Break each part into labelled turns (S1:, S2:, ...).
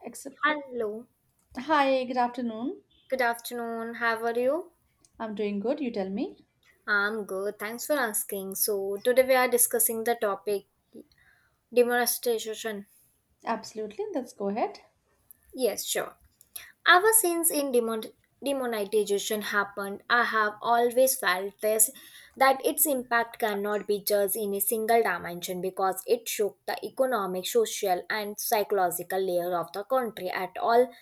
S1: Except,
S2: Hello,
S1: hi, good afternoon.
S2: good afternoon. How are you?
S1: I'm doing good. You tell me.
S2: I'm good. Thanks for asking. So, today we are discussing the topic demonetization.
S1: Absolutely. Let's go ahead.
S2: Yes, sure. Ever since demonetization happened, I have always felt this that its impact cannot be judged in a single dimension because it shook the economic, social, and psychological layer of the country at all.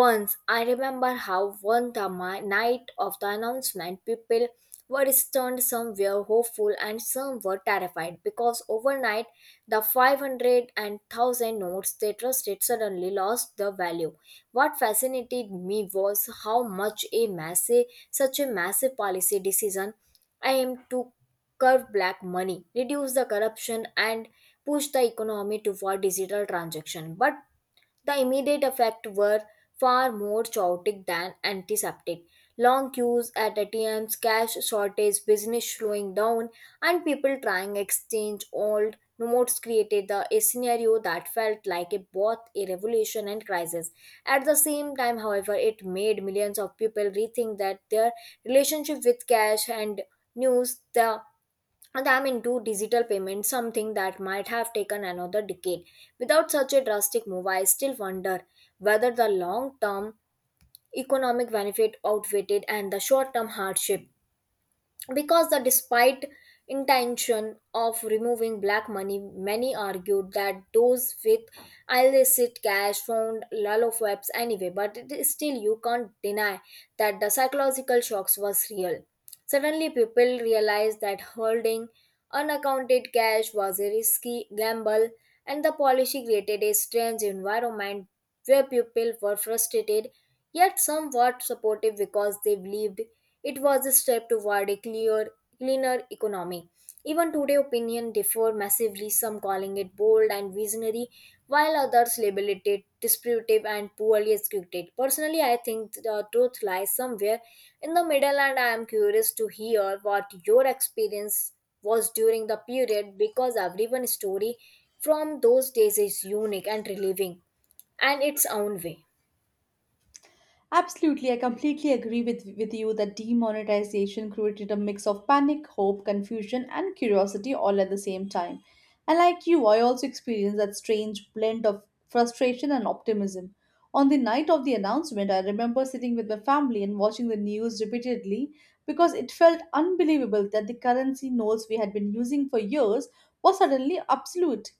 S2: Once I remember how night of the announcement, people were stunned, some were hopeful, and some were terrified because overnight the five hundred and thousand notes they trusted suddenly lost the value. What fascinated me was how much a massive, such a massive policy decision aimed to curb black money, reduce the corruption, and push the economy toward digital transaction. But the immediate effects were far more chaotic than antiseptic. Long queues at ATMs, cash shortage, business slowing down, and people trying to exchange old notes a scenario that felt like both a revolution and crisis. At the same time, however, it made millions of people rethink that their relationship with cash and news, the and I'm into digital payments, something that might have taken another decade. Without such a drastic move, I still wonder whether the long term economic benefit outweighed and the short term hardship because the despite intention of removing black money, many argued that those with illicit cash found lalofeps anyway, but it is still you can't deny that the psychological shocks was real. Suddenly people realized that holding unaccounted cash was a risky gamble, and the policy created a strange environment where people were frustrated yet somewhat supportive because they believed it was a step toward cleaner economy. Even today, opinion differ massively, some calling it bold and visionary, while others label it disruptive and poorly executed. Personally, I think the truth lies somewhere in the middle, and I am curious to hear what your experience was during the period because everyone's story from those days is unique and relieving and its own way.
S1: Absolutely. I completely agree with you that demonetization created a mix of panic, hope, confusion, and curiosity all at the same time. And like you, I also experienced that strange blend of frustration and optimism. On the night of the announcement, I remember sitting with my family and watching the news repeatedly because it felt unbelievable that the currency notes we had been using for years was suddenly absolute.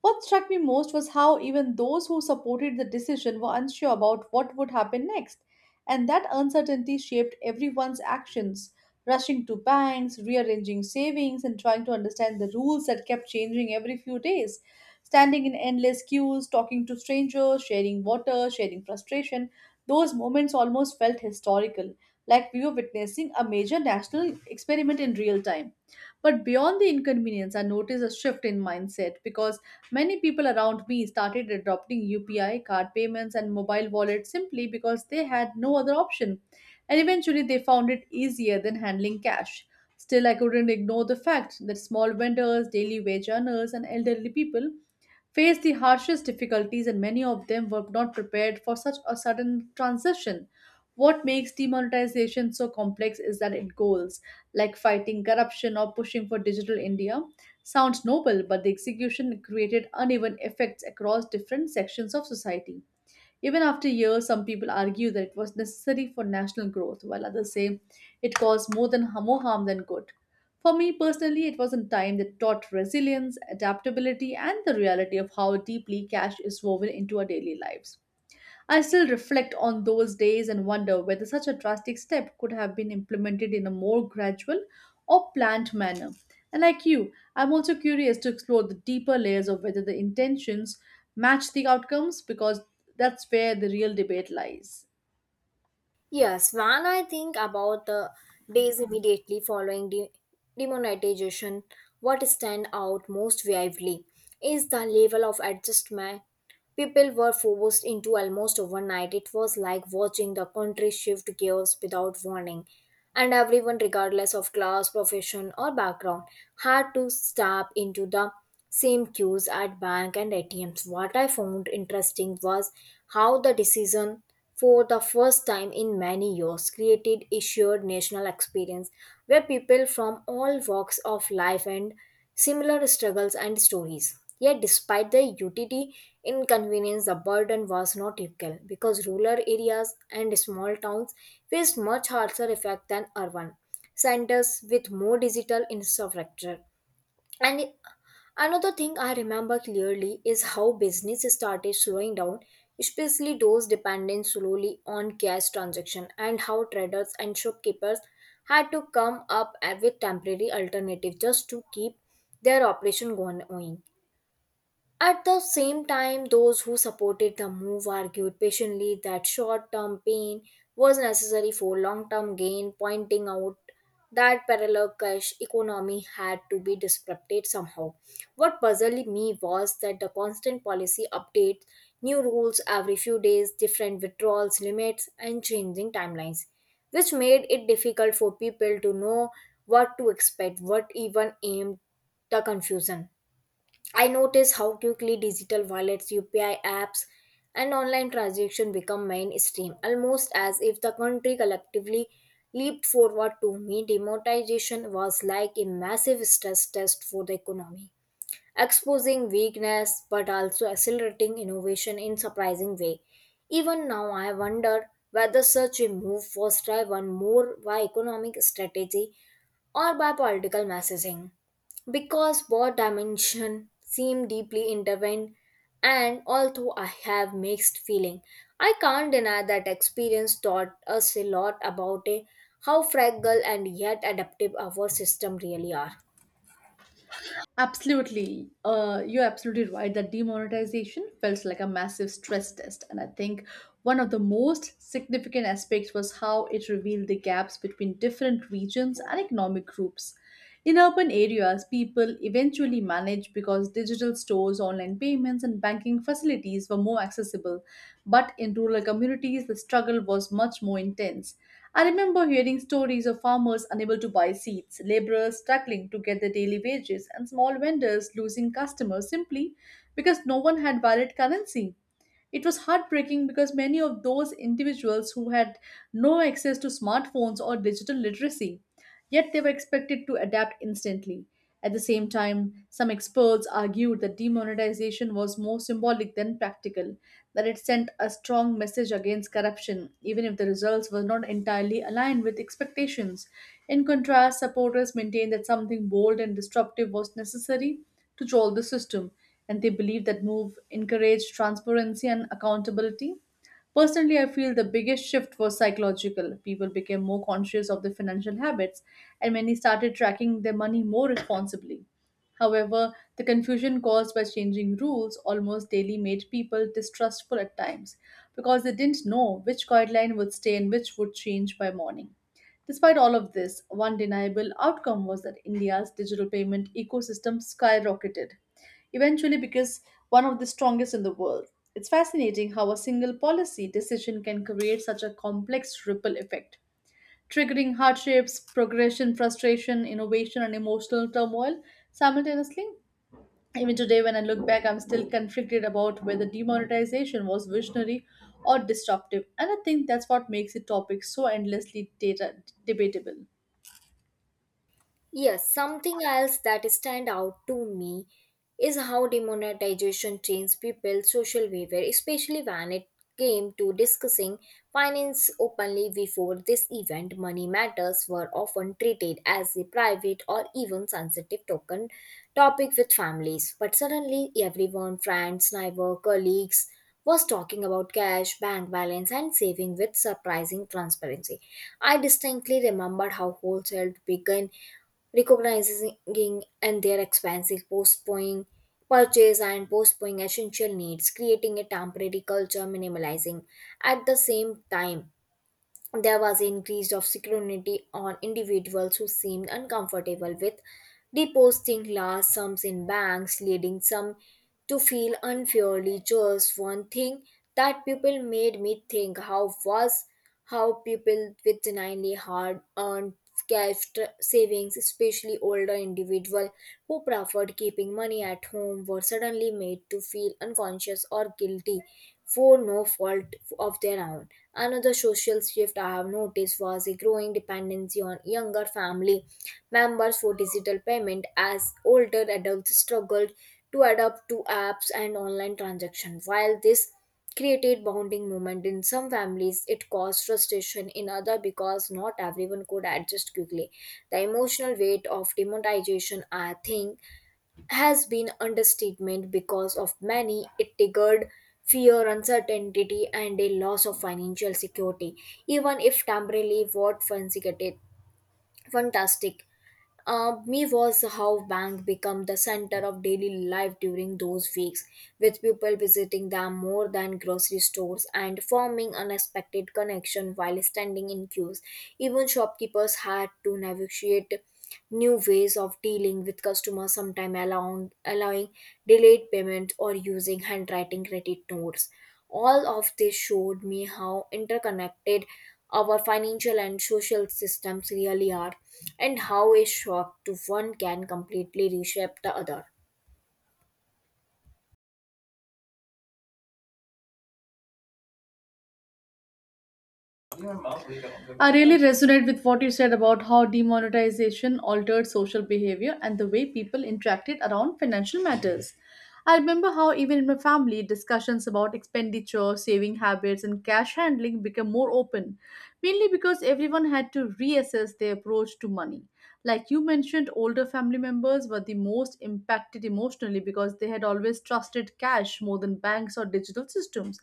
S1: What struck me most was how even those who supported the decision were unsure about what would happen next, and that uncertainty shaped everyone's actions, rushing to banks, rearranging savings, and trying to understand the rules that kept changing every few days. Standing in endless queues, talking to strangers, sharing water, sharing frustration, those moments almost felt historical, like we were witnessing a major national experiment in real time. But beyond the inconvenience, I noticed a shift in mindset because many people around me started adopting UPI, card payments, and mobile wallets simply because they had no other option, and eventually they found it easier than handling cash. Still, I couldn't ignore the fact that small vendors, daily wage earners, and elderly people faced the harshest difficulties, and many of them were not prepared for such a sudden transition. What makes demonetization so complex is that it goals like fighting corruption or pushing for digital India sounds noble, but the execution created uneven effects across different sections of society. Even after years, some people argue that it was necessary for national growth, while others say it caused more harm than good. For me personally, it was a time that taught resilience, adaptability, and the reality of how deeply cash is woven into our daily lives. I still reflect on those days and wonder whether such a drastic step could have been implemented in a more gradual or planned manner. And like you, I'm also curious to explore the deeper layers of whether the intentions match the outcomes because that's where the real debate lies.
S2: Yes, when I think about the days immediately following demonetization, what stand out most vividly is the level of adjustment people were forced into almost overnight. It was like watching the country shift gears without warning. And everyone, regardless of class, profession, or background, had to step into the same queues at bank and ATMs. What I found interesting was how the decision, for the first time in many years, created a shared national experience where people from all walks of life and similar struggles and stories. Yet, despite the utility inconvenience, the burden was not equal because rural areas and small towns faced much harsher effect than urban centers with more digital infrastructure. And it- Another thing I remember clearly is how business started slowing down, especially those dependent slowly on cash transaction, and how traders and shopkeepers had to come up with temporary alternative just to keep their operation going. At the same time, those who supported the move argued patiently that short term pain was necessary for long term gain, pointing out that parallel cash economy had to be disrupted somehow. What puzzled me was that the constant policy updates, new rules every few days, different withdrawals limits, and changing timelines, which made it difficult for people to know what to expect, what even aimed the confusion. I notice how quickly digital wallets, UPI apps, and online transactions become mainstream, almost as if the country collectively leaped forward to me. Demonetization was like a massive stress test for the economy, exposing weakness but also accelerating innovation in surprising way. Even now, I wonder whether such a move was driven more by economic strategy or by political messaging, because both dimensions seem deeply intertwined. And although I have mixed feeling, I can't deny that experience taught us a lot about how fragile and yet adaptive our system really are.
S1: Absolutely. You're absolutely right that demonetization felt like a massive stress test. And I think one of the most significant aspects was how it revealed the gaps between different regions and economic groups. In urban areas, people eventually managed because digital stores, online payments, and banking facilities were more accessible. But in rural communities, the struggle was much more intense. I remember hearing stories of farmers unable to buy seeds, laborers struggling to get their daily wages, and small vendors losing customers simply because no one had valid currency. It was heartbreaking because many of those individuals who had no access to smartphones or digital literacy, yet they were expected to adapt instantly. At the same time, some experts argued that demonetization was more symbolic than practical, that it sent a strong message against corruption, even if the results were not entirely aligned with expectations. In contrast, supporters maintained that something bold and disruptive was necessary to jolt the system, and they believed that move encouraged transparency and accountability. Personally, I feel the biggest shift was psychological. People became more conscious of their financial habits and many started tracking their money more responsibly. However, the confusion caused by changing rules almost daily made people distrustful at times because they didn't know which guideline would stay and which would change by morning. Despite all of this, one deniable outcome was that India's digital payment ecosystem skyrocketed, eventually because one of the strongest in the world. It's fascinating how a single policy decision can create such a complex ripple effect, triggering hardships, progression, frustration, innovation, and emotional turmoil simultaneously. Even today, when I look back, I'm still conflicted about whether demonetization was visionary or disruptive, and I think that's what makes the topic so endlessly data debatable.
S2: Yes, something else that stand out to me is how demonetization changed people's social behavior, especially when it came to discussing finance openly before this event. Money matters were often treated as a private or even sensitive token topic with families. But suddenly everyone, friends, neighbor, colleagues, was talking about cash, bank balance, and saving with surprising transparency. I distinctly remember how wholesale began recognizing and their expensive postponing purchase and postponing essential needs, creating a temporary culture minimalizing. At the same time, there was an increase of scrutiny on individuals who seemed uncomfortable with depositing large sums in banks, leading some to feel unfairly judged. One thing that people made me think how was how people with genuinely hard earned savings, especially older individuals who preferred keeping money at home, were suddenly made to feel unconscious or guilty for no fault of their own. Another social shift I have noticed was a growing dependency on younger family members for digital payment as older adults struggled to adapt to apps and online transactions. While this created bonding moment in some families, it caused frustration in other because not everyone could adjust quickly. The emotional weight of demonetization, I think, has been understatement because of many it triggered fear, uncertainty, and a loss of financial security, even if temporarily. What fancy get it Fantastic me was how bank become the center of daily life during those weeks, with people visiting them more than grocery stores and forming unexpected connection while standing in queues. Even shopkeepers had to negotiate new ways of dealing with customers, sometimes allowing delayed payment or using handwriting credit notes. All of this showed me how interconnected our financial and social systems really are, and how a shock to one can completely reshape the other.
S1: I really resonate with what you said about how demonetization altered social behavior and the way people interacted around financial matters. I remember how, even in my family, discussions about expenditure, saving habits, and cash handling became more open, mainly because everyone had to reassess their approach to money. Like you mentioned, older family members were the most impacted emotionally because they had always trusted cash more than banks or digital systems,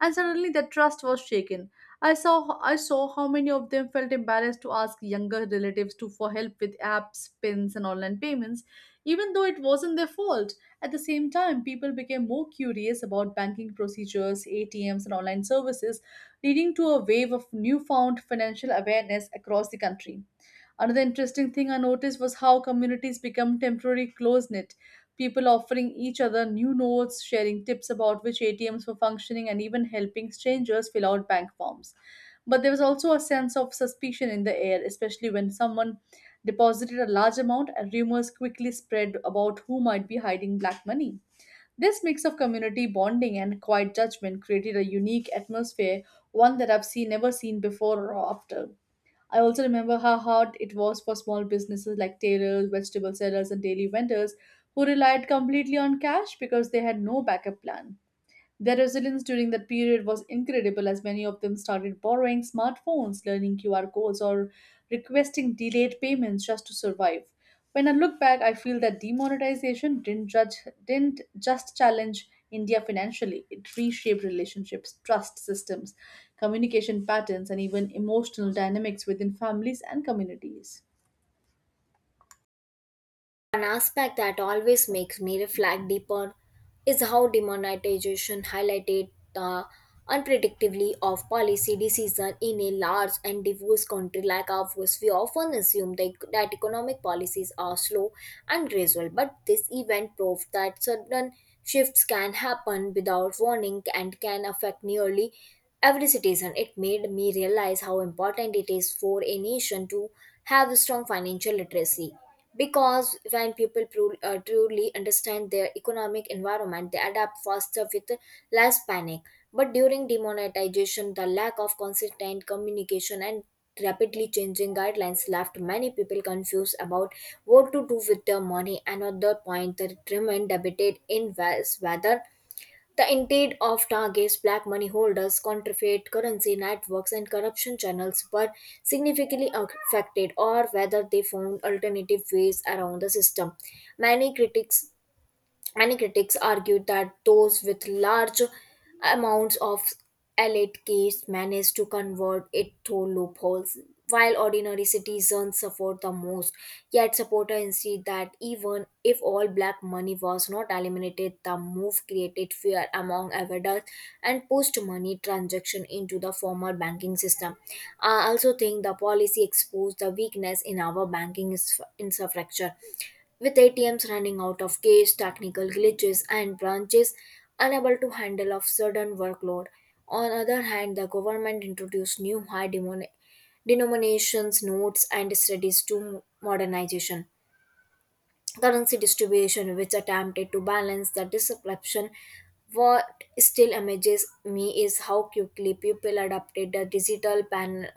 S1: and suddenly that trust was shaken. I saw how many of them felt embarrassed to ask younger relatives to for help with apps, pins, and online payments, even though it wasn't their fault. At the same time, people became more curious about banking procedures, ATMs, and online services, leading to a wave of newfound financial awareness across the country. Another interesting thing I noticed was how communities become temporarily close knit, people offering each other new notes, sharing tips about which ATMs were functioning, and even helping strangers fill out bank forms. But there was also a sense of suspicion in the air, especially when someone deposited a large amount and rumors quickly spread about who might be hiding black money. This mix of community bonding and quiet judgment created a unique atmosphere, one that I've seen never seen before or after. I also remember how hard it was for small businesses like tailors, vegetable sellers, and daily vendors who relied completely on cash because they had no backup plan. Their resilience during that period was incredible as many of them started borrowing smartphones, learning QR codes, or requesting delayed payments just to survive. When I look back, I feel that demonetization didn't just challenge India financially, it reshaped relationships, trust systems, communication patterns, and even emotional dynamics within families and communities.
S2: An aspect that always makes me reflect deeper is how demonetization highlighted the unpredictability of policy decisions in a large and diverse country like ours. We often assume that economic policies are slow and gradual, but this event proved that sudden shifts can happen without warning and can affect nearly every citizen. It made me realize how important it is for a nation to have a strong financial literacy. Because when people truly understand their economic environment, they adapt faster with less panic. But during demonetization, the lack of consistent communication and rapidly changing guidelines left many people confused about what to do with their money. Another point that remained debated in was whether the intent of targets black money holders, counterfeit currency networks, and corruption channels were significantly affected, or whether they found alternative ways around the system. Many critics Many critics argued that those with large amounts of elite cash managed to convert it through loopholes, while ordinary citizens suffered the most. Yet supporters insist that even if all black money was not eliminated, the move created fear among adults and pushed money transaction into the formal banking system. I also think the policy exposed the weakness in our banking infrastructure, with ATMs running out of cash, technical glitches, and branches unable to handle of sudden workload. On other hand, the government introduced new denominations notes and studies to modernization currency distribution, which attempted to balance the disruption. What still amazes me is how quickly people adopted the digital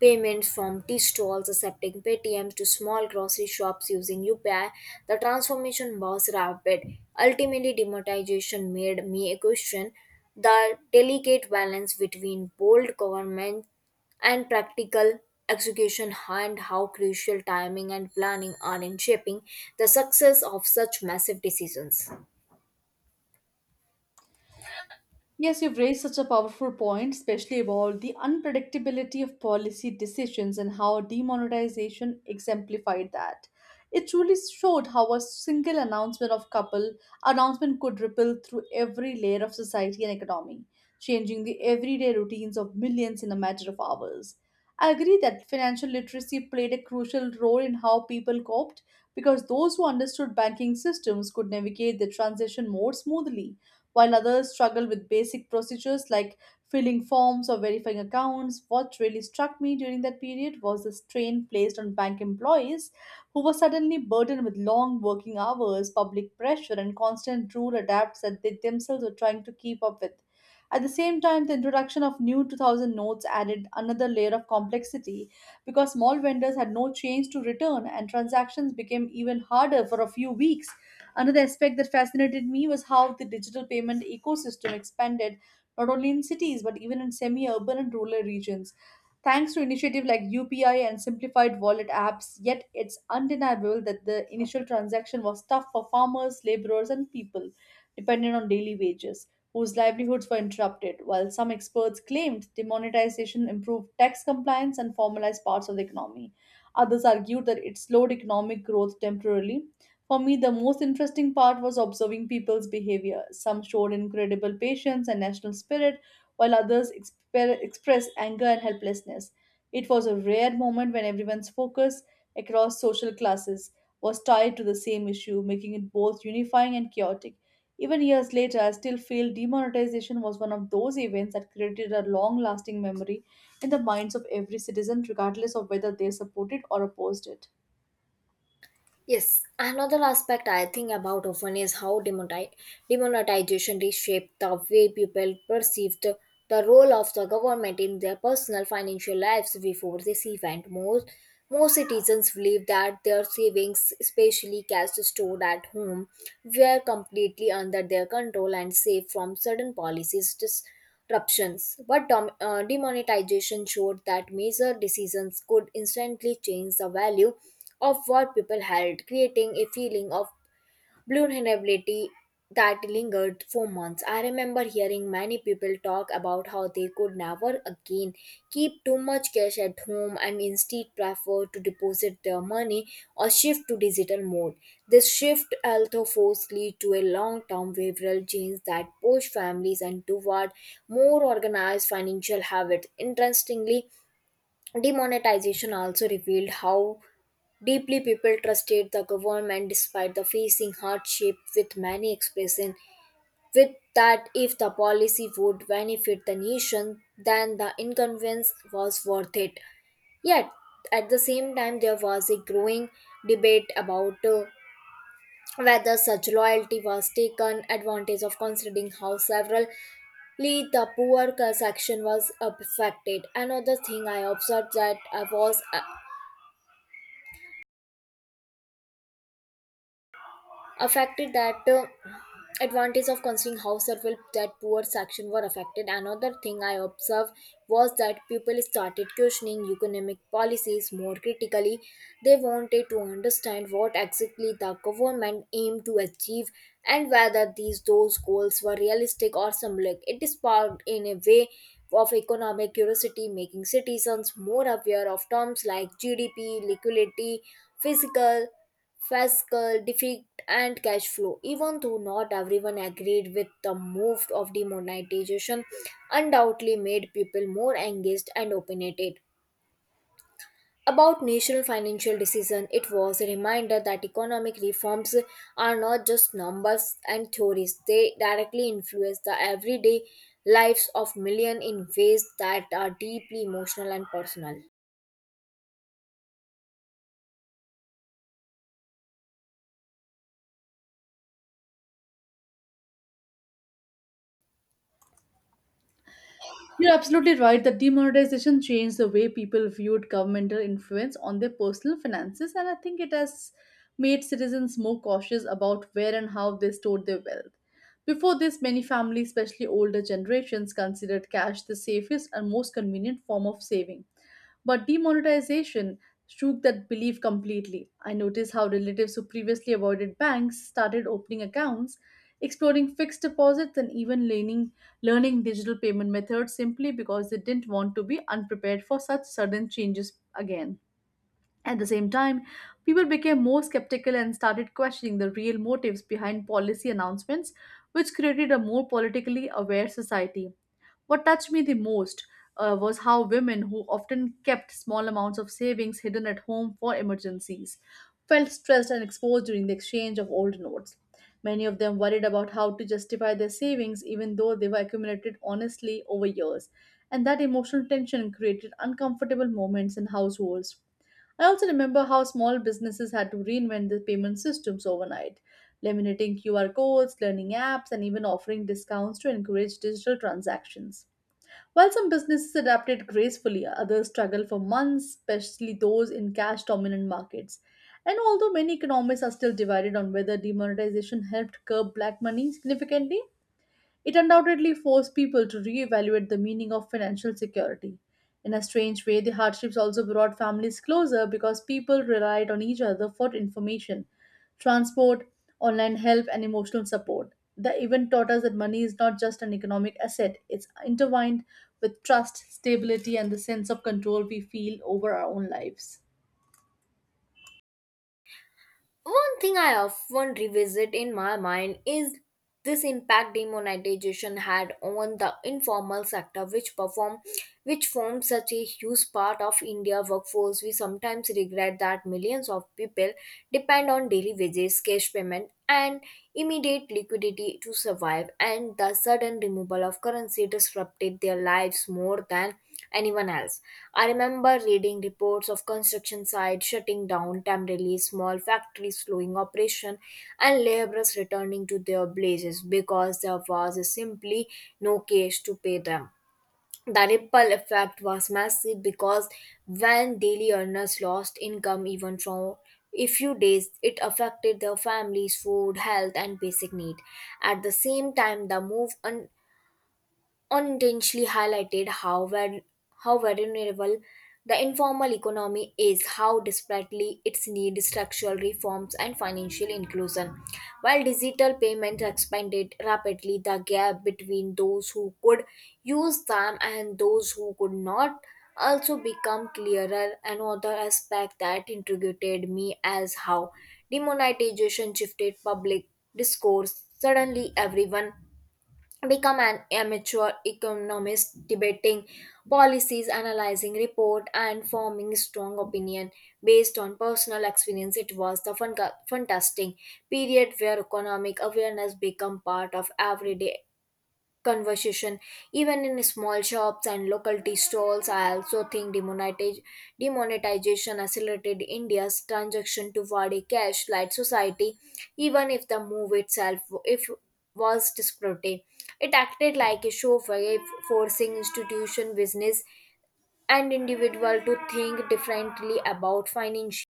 S2: payments, from tea stalls accepting Paytm to small grocery shops using UPI. The transformation was rapid. Ultimately, demonetization made me question the delicate balance between bold government and practical execution and how crucial timing and planning are in shaping the success of such massive decisions.
S1: Yes, you've raised such a powerful point, especially about the unpredictability of policy decisions and how demonetization exemplified that. It truly showed how a single announcement of couple announcement could ripple through every layer of society and economy, changing the everyday routines of millions in a matter of hours. I agree that financial literacy played a crucial role in how people coped because those who understood banking systems could navigate the transition more smoothly while others struggle with basic procedures like filling forms or verifying accounts. What really struck me during that period was the strain placed on bank employees who were suddenly burdened with long working hours, public pressure, and constant rule adapts that they themselves were trying to keep up with. At the same time, the introduction of new 2000 notes added another layer of complexity because small vendors had no change to return and transactions became even harder for a few weeks. Another aspect that fascinated me was how the digital payment ecosystem expanded not only in cities but even in semi urban and rural regions. Thanks to initiatives like UPI and simplified wallet apps, yet it's undeniable that the initial transaction was tough for farmers, laborers, and people dependent on daily wages, whose livelihoods were interrupted, while some experts claimed demonetization improved tax compliance and formalized parts of the economy. Others argued that it slowed economic growth temporarily. For me, the most interesting part was observing people's behavior. Some showed incredible patience and national spirit, while others expressed anger and helplessness. It was a rare moment when everyone's focus across social classes was tied to the same issue, making it both unifying and chaotic. Even years later, I still feel demonetization was one of those events that created a long lasting memory in the minds of every citizen, regardless of whether they supported or opposed it.
S2: Yes, another aspect I think about often is how demonetization reshaped the way people perceived the role of the government in their personal financial lives before this event. Most citizens believed that their savings, especially cash stored at home, were completely under their control and safe from sudden policies. Dis- Ruptions. But demonetization showed that major decisions could instantly change the value of what people held, creating a feeling of vulnerability that lingered for months. I remember hearing many people talk about how they could never again keep too much cash at home and instead prefer to deposit their money or shift to digital mode. This shift also forced lead to a long-term behavioral change that pushed families and toward more organized financial habits. Interestingly, demonetization also revealed how deeply people trusted the government despite the facing hardship, with many expressing with that if the policy would benefit the nation then the inconvenience was worth it. Yet at the same time there was a growing debate about whether such loyalty was taken advantage of, considering how severely the poor section was affected. Another thing I observed that I was affected that advantage of considering how several that poor section were affected. Another thing I observed was that people started questioning economic policies more critically. They wanted to understand what exactly the government aimed to achieve and whether these those goals were realistic or symbolic. It sparked in a way of economic curiosity, making citizens more aware of terms like GDP, liquidity, physical fiscal deficit, and cash flow. Even though not everyone agreed with the move of demonetization, undoubtedly made people more engaged and opinionated about national financial decision. It was a reminder that economic reforms are not just numbers and theories. They directly influence the everyday lives of millions in ways that are deeply emotional and personal.
S1: You're absolutely right that demonetization changed the way people viewed governmental influence on their personal finances, and I think it has made citizens more cautious about where and how they stored their wealth. Before this, many families, especially older generations, considered cash the safest and most convenient form of saving. But demonetization shook that belief completely. I noticed how relatives who previously avoided banks started opening accounts, exploring fixed deposits, and even leaning learning digital payment methods simply because they didn't want to be unprepared for such sudden changes again. At the same time, people became more skeptical and started questioning the real motives behind policy announcements, which created a more politically aware society. What touched me the most was how women who often kept small amounts of savings hidden at home for emergencies felt stressed and exposed during the exchange of old notes. Many of them worried about how to justify their savings even though they were accumulated honestly over years, and that emotional tension created uncomfortable moments in households. I also remember how small businesses had to reinvent their payment systems overnight, laminating QR codes, learning apps, and even offering discounts to encourage digital transactions. While some businesses adapted gracefully, others struggled for months, especially those in cash dominant markets. And although many economists are still divided on whether demonetization helped curb black money significantly, it undoubtedly forced people to reevaluate the meaning of financial security. In a strange way, the hardships also brought families closer because people relied on each other for information, transport, online help, and emotional support. The event taught us that money is not just an economic asset; it's intertwined with trust, stability, and the sense of control we feel over our own lives.
S2: One thing I often revisit in my mind is this impact demonetization had on the informal sector, which forms such a huge part of India workforce. We sometimes regret that millions of people depend on daily wages, cash payment, and immediate liquidity to survive, and the sudden removal of currency disrupted their lives more than anyone else. I remember reading reports of construction sites shutting down temporarily, small factories slowing operation, and laborers returning to their blazes because there was simply no cash to pay them. The ripple effect was massive because when daily earners lost income even from a few days, it affected their families' food, health, and basic need. At the same time, the move unintentionally highlighted how, how vulnerable the informal economy is, how desperately it needs structural reforms and financial inclusion. While digital payments expanded rapidly, the gap between those who could use them and those who could not also become clearer. Another aspect that intrigued me as how demonetization shifted public discourse. Suddenly, everyone become an amateur economist, debating policies, analyzing report, and forming strong opinion based on personal experience. It was the fantastic period where economic awareness became part of everyday conversation, even in small shops and local tea stalls. I also think demonetization accelerated India's transaction toward a cash light society. Even if the move itself if was disruptive, it acted like a shockwave, forcing institution, business, and individual to think differently about financial.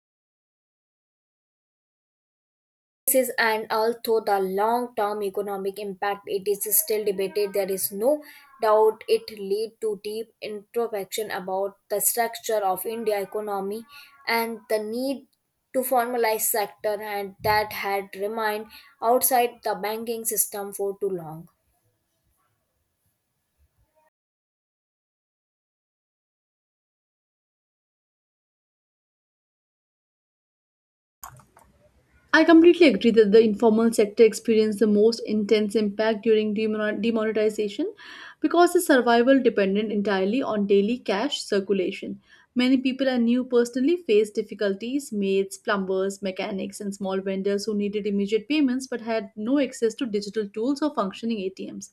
S2: This is. And although the long-term economic impact it is still debated, there is no doubt it lead to deep introspection about the structure of India economy and the need to formalize sector and that had remained outside the banking system for too long.
S1: I completely agree that the informal sector experienced the most intense impact during demonetization because the survival depended entirely on daily cash circulation. Many people I knew personally faced difficulties: maids, plumbers, mechanics, and small vendors who needed immediate payments but had no access to digital tools or functioning ATMs.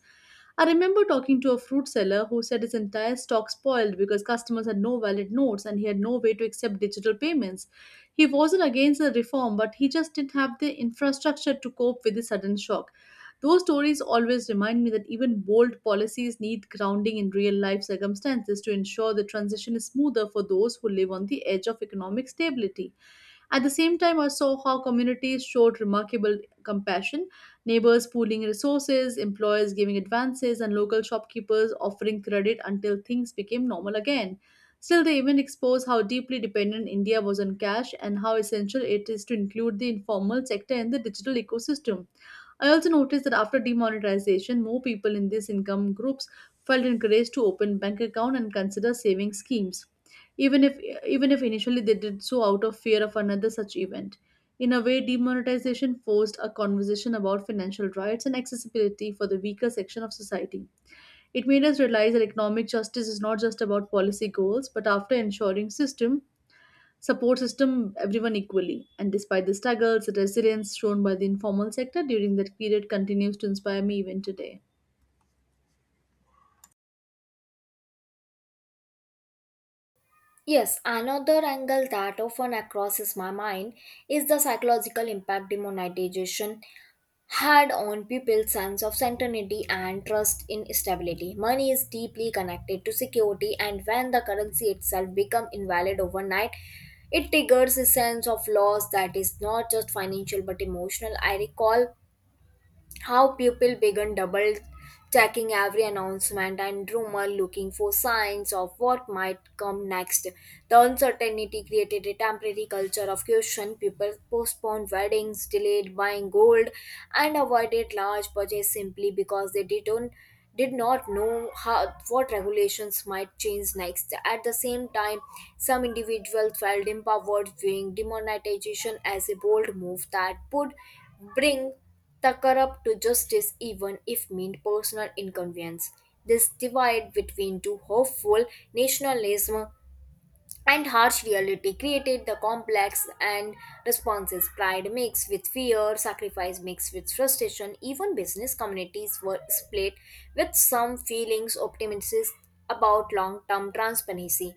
S1: I remember talking to a fruit seller who said his entire stock spoiled because customers had no valid notes and he had no way to accept digital payments. He wasn't against the reform, but he just didn't have the infrastructure to cope with the sudden shock. Those stories always remind me that even bold policies need grounding in real life circumstances to ensure the transition is smoother for those who live on the edge of economic stability. At the same time, I saw how communities showed remarkable compassion: neighbors pooling resources, employers giving advances, and local shopkeepers offering credit until things became normal again. Still, the event exposed how deeply dependent India was on cash and how essential it is to include the informal sector in the digital ecosystem. I also noticed that after demonetization, more people in these income groups felt encouraged to open bank account and consider saving schemes, even if even if initially they did so out of fear of another such event. In a way, demonetization forced a conversation about financial rights and accessibility for the weaker section of society. It made us realize that economic justice is not just about policy goals but after ensuring system support system everyone equally. And despite the struggles, the resilience shown by the informal sector during that period continues to inspire me even today.
S2: Yes, another angle that often crosses my mind is the psychological impact demonetization had on people's sense of certainty and trust in stability. Money is deeply connected to security, and when the currency itself becomes invalid overnight, it triggers a sense of loss that is not just financial but emotional. I recall how people began double checking every announcement and rumor, looking for signs of what might come next. The uncertainty created a temporary culture of caution. People postponed weddings, delayed buying gold, and avoided large purchases simply because they did not know how what regulations might change next. At the same time, some individuals felt empowered, viewing demonetization as a bold move that would bring the corrupt to justice, even if mean personal inconvenience. This divide between two hopeful nationalism and harsh reality created the complex and responses. Pride mixed with fear, sacrifice mixed with frustration. Even business communities were split, with some feelings optimistic about long-term transparency,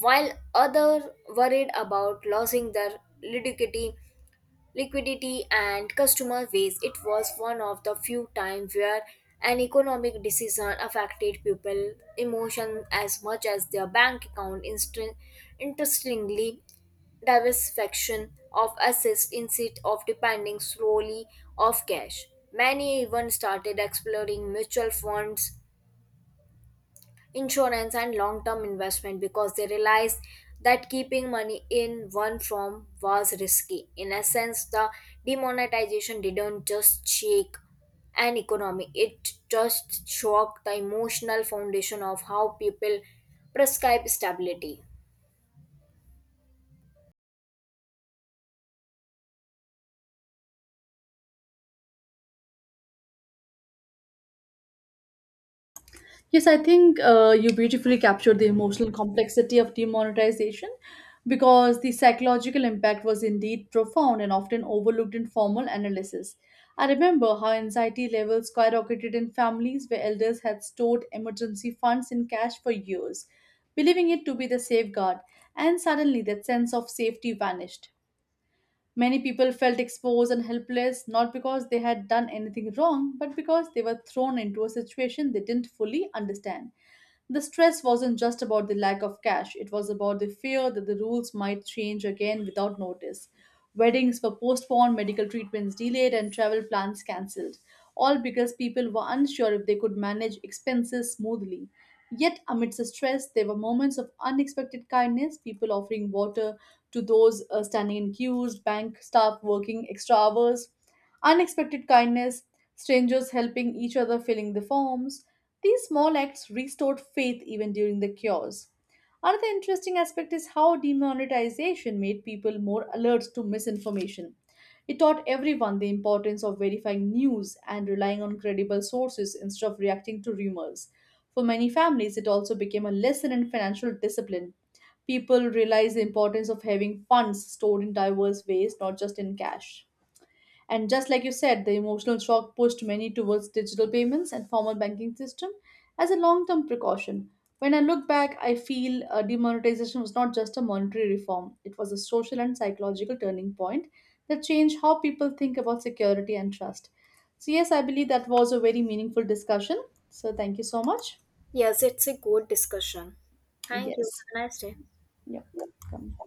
S2: while others worried about losing their liquidity and customer base. It was one of the few times where an economic decision affected people emotion as much as their bank account. Interestingly, diversification of assets instead of depending solely of cash, many even started exploring mutual funds, insurance, and long term investment, because they realized that keeping money in one form was risky. In essence, the demonetization didn't just shake an economy, it just shocked the emotional foundation of how people prescribe stability.
S1: Yes, I think you beautifully captured the emotional complexity of demonetization because the psychological impact was indeed profound and often overlooked in formal analysis. I remember how anxiety levels skyrocketed in families where elders had stored emergency funds in cash for years, believing it to be the safeguard, and suddenly that sense of safety vanished. Many people felt exposed and helpless, not because they had done anything wrong, but because they were thrown into a situation they didn't fully understand. The stress wasn't just about the lack of cash, it was about the fear that the rules might change again without notice. Weddings were postponed, medical treatments delayed, and travel plans cancelled, all because people were unsure if they could manage expenses smoothly. Yet, amidst the stress, there were moments of unexpected kindness: people offering water to those standing in queues, bank staff working extra hours, unexpected kindness, strangers helping each other filling the forms. These small acts restored faith even during the cures. Another interesting aspect is how demonetization made people more alert to misinformation. It taught everyone the importance of verifying news and relying on credible sources instead of reacting to rumors. For many families, it also became a lesson in financial discipline. People realized the importance of having funds stored in diverse ways, not just in cash. And just like you said, the emotional shock pushed many towards digital payments and formal banking system as a long-term precaution. When I look back, I feel demonetization was not just a monetary reform; it was a social and psychological turning point that changed how people think about security and trust. So yes, I believe that was a very meaningful discussion. So thank you so much.
S2: Yes, it's a good discussion. Thank you.
S1: Yes.
S2: Have a nice day.
S1: Yep. Come.